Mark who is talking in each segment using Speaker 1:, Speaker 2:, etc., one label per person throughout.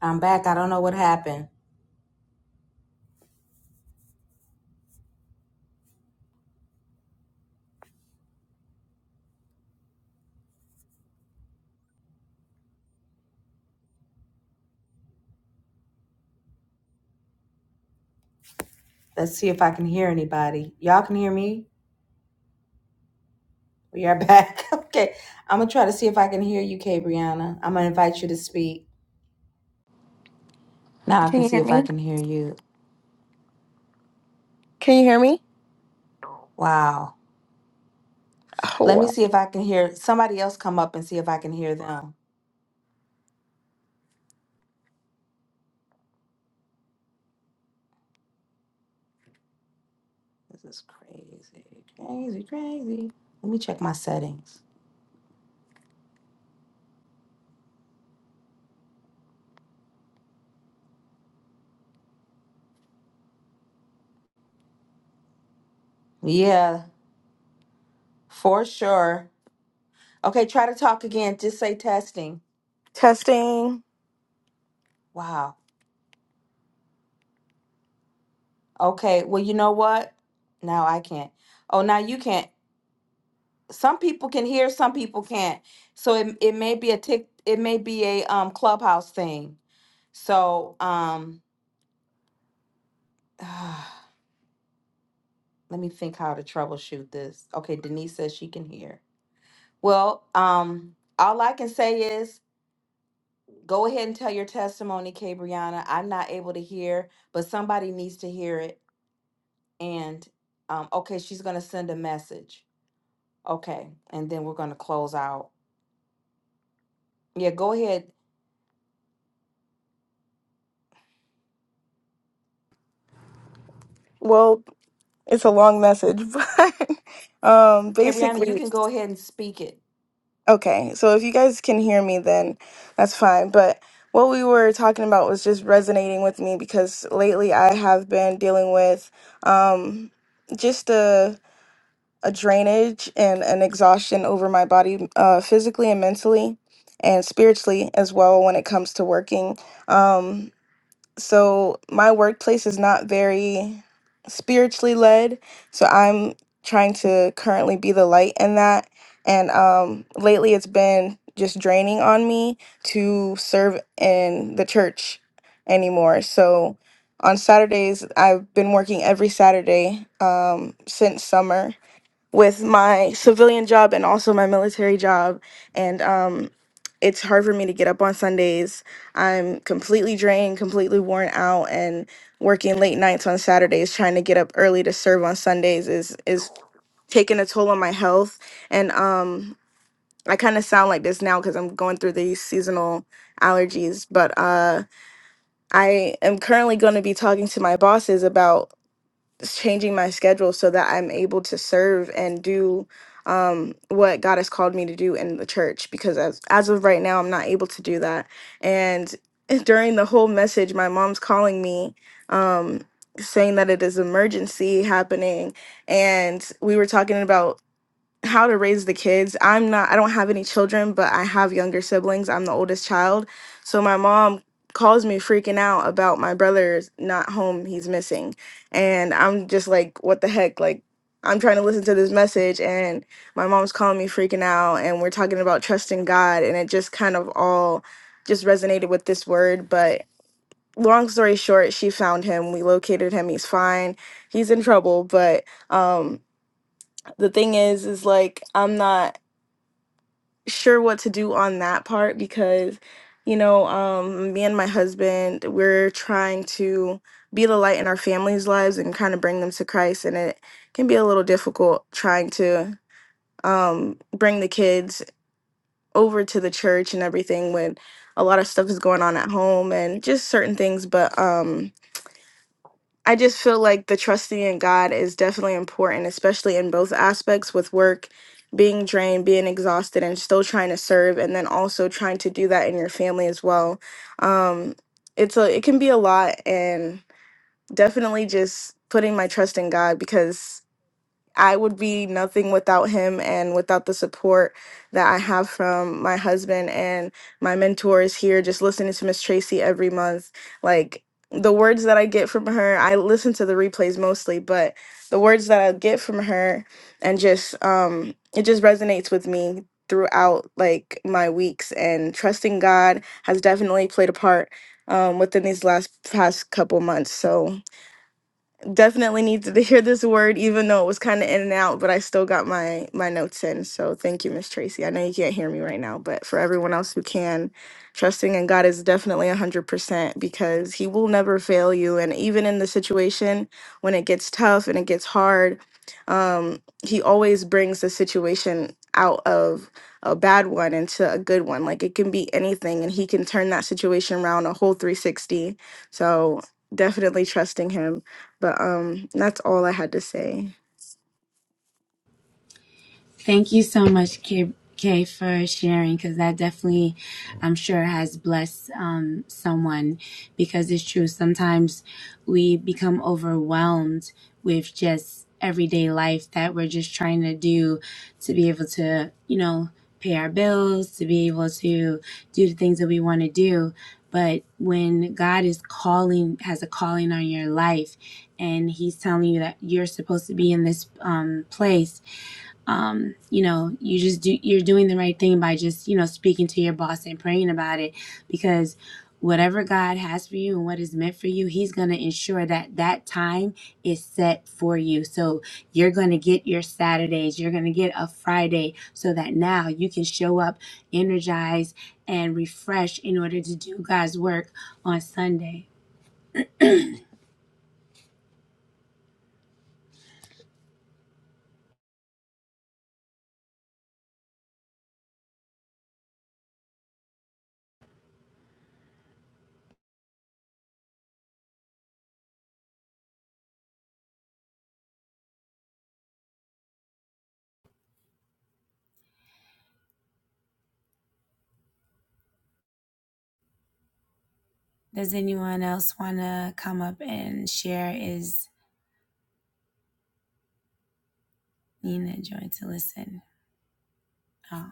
Speaker 1: I'm back. I don't know what happened. Let's see if I can hear anybody. Y'all can hear me? We are back. okay. I'm going to try to see if I can hear you, Kay Brianna. I'm going to invite you to speak. Now I
Speaker 2: Can
Speaker 1: can
Speaker 2: you
Speaker 1: see
Speaker 2: hear
Speaker 1: if I
Speaker 2: me?
Speaker 1: can hear you.
Speaker 2: Can you hear me?
Speaker 1: Wow.
Speaker 2: Oh,
Speaker 1: Let me
Speaker 2: wow.
Speaker 1: see if I can hear somebody else come up and see if I can hear them. This is crazy. Crazy, crazy. Let me check my settings. Yeah, for sure. Okay, try to talk again. Just say testing.
Speaker 2: testing.
Speaker 1: Wow. Okay. Well, you know what? Now I can't. Oh, now you can't. some people can hear, some people can't. So it it may be a tick, it may be a um clubhouse thing. So um, let me think how to troubleshoot this. Okay, Denise says she can hear. Well, um, all I can say is go ahead and tell your testimony, Cabriana. I'm not able to hear, but somebody needs to hear it. And um, okay, she's gonna send a message. Okay, and then we're gonna close out. Yeah, go ahead,
Speaker 2: Well, it's a long message, but um,
Speaker 1: Cabriana. You
Speaker 2: basically,
Speaker 1: can go ahead and speak it.
Speaker 2: okay. So if you guys can hear me, then that's fine. But what we were talking about was just resonating with me because lately I have been dealing with um, just a a drainage and an exhaustion over my body, uh, physically and mentally, and spiritually as well when it comes to working. Um, so my workplace is not very spiritually led so i'm trying to currently be the light in that and um lately it's been just draining on me to serve in the church anymore so on saturdays i've been working every saturday um since summer with my civilian job and also my military job and um it's hard for me to get up on Sundays. I'm completely drained, completely worn out and working late nights on Saturdays trying to get up early to serve on Sundays is is taking a toll on my health and um I kind of sound like this now cuz I'm going through these seasonal allergies, but uh I am currently going to be talking to my bosses about changing my schedule so that I'm able to serve and do um, what God has called me to do in the church. Because as as of right now, I'm not able to do that. And during the whole message, my mom's calling me, um, saying that it is emergency happening, and we were talking about how to raise the kids. I'm not I don't have any children, but I have younger siblings. I'm the oldest child. So my mom calls me freaking out about my brother's not home, he's missing. And I'm just like, what the heck? Like I'm trying to listen to this message and my mom's calling me freaking out and we're talking about trusting God and it just kind of all just resonated with this word, but long story short, she found him. We located him. He's fine. He's in trouble, but um the thing is is like I'm not sure what to do on that part because you know um me and my husband we're trying to be the light in our families lives and kind of bring them to christ and it can be a little difficult trying to um bring the kids over to the church and everything when a lot of stuff is going on at home and just certain things but um I just feel like the trusting in God is definitely important, especially in both aspects with work, being drained, being exhausted, and still trying to serve, and then also trying to do that in your family as well. Um, it's a it can be a lot, and definitely just putting my trust in God because I would be nothing without him and without the support that I have from my husband and my mentors here, just listening to Miss Tracy every month. Like the words that I get from her, I listen to the replays mostly, but the words that I get from her and just um it just resonates with me throughout like my weeks and trusting God has definitely played a part um within these last past couple months. So definitely needed to hear this word, even though it was kind of in and out, but I still got my my notes in. So thank you, Miss Tracy. I know you can't hear me right now, but for everyone else who can, trusting in God is definitely one hundred percent because He will never fail you. And even in the situation when it gets tough and it gets hard, um, He always brings the situation out of a bad one into a good one. Like it can be anything, and He can turn that situation around a whole three sixty. So definitely trusting Him. But um that's all I had to say.
Speaker 3: Thank you so much, Kay, Kay for sharing because that definitely, I'm sure, has blessed um, someone because it's true. Sometimes we become overwhelmed with just everyday life that we're just trying to do to be able to, you know, pay our bills, to be able to do the things that we want to do. But when God is calling, has a calling on your life, and He's telling you that you're supposed to be in this um, place, um, you know, you just do you're doing the right thing by just, you know, speaking to your boss and praying about it because whatever God has for you and what is meant for you, he's going to ensure that that time is set for you. So you're going to get your Saturdays, you're going to get a Friday so that now you can show up energized and refreshed in order to do God's work on Sunday. Does anyone else want to come up and share? Is Nina joined to listen? Oh.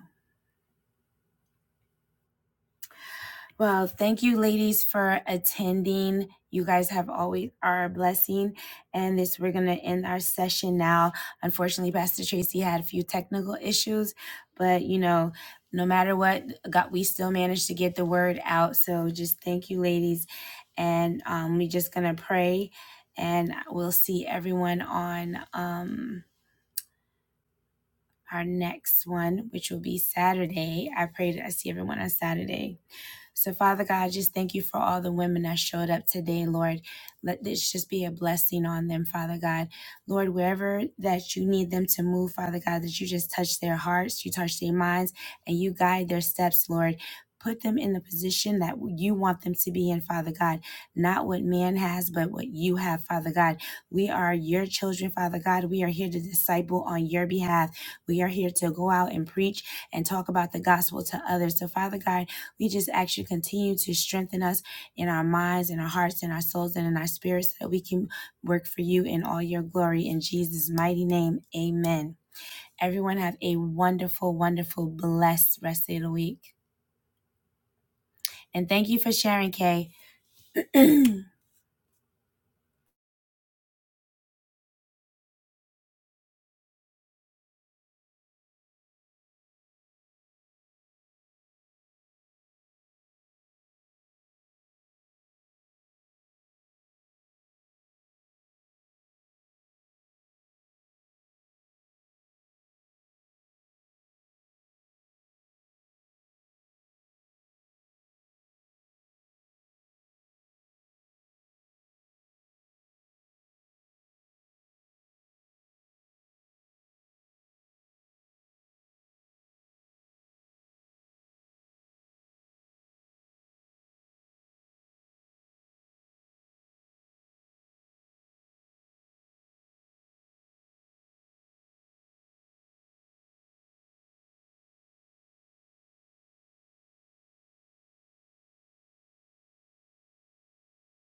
Speaker 3: Well, thank you, ladies, for attending. You guys have always are a blessing. And this, we're going to end our session now. Unfortunately, Pastor Tracy had a few technical issues, but you know, no matter what, God, we still managed to get the word out. So just thank you, ladies. And um, we're just going to pray and we'll see everyone on um, our next one, which will be Saturday. I pray that I see everyone on Saturday. So, Father God, just thank you for all the women that showed up today, Lord. Let this just be a blessing on them, Father God. Lord, wherever that you need them to move, Father God, that you just touch their hearts, you touch their minds, and you guide their steps, Lord. Put them in the position that you want them to be in, Father God. Not what man has, but what you have, Father God. We are your children, Father God. We are here to disciple on your behalf. We are here to go out and preach and talk about the gospel to others. So, Father God, we just ask you continue to strengthen us in our minds, in our hearts, in our souls, and in our spirits, so that we can work for you in all your glory. In Jesus' mighty name, amen. Everyone have a wonderful, wonderful, blessed rest of the week. And thank you for sharing, Kay.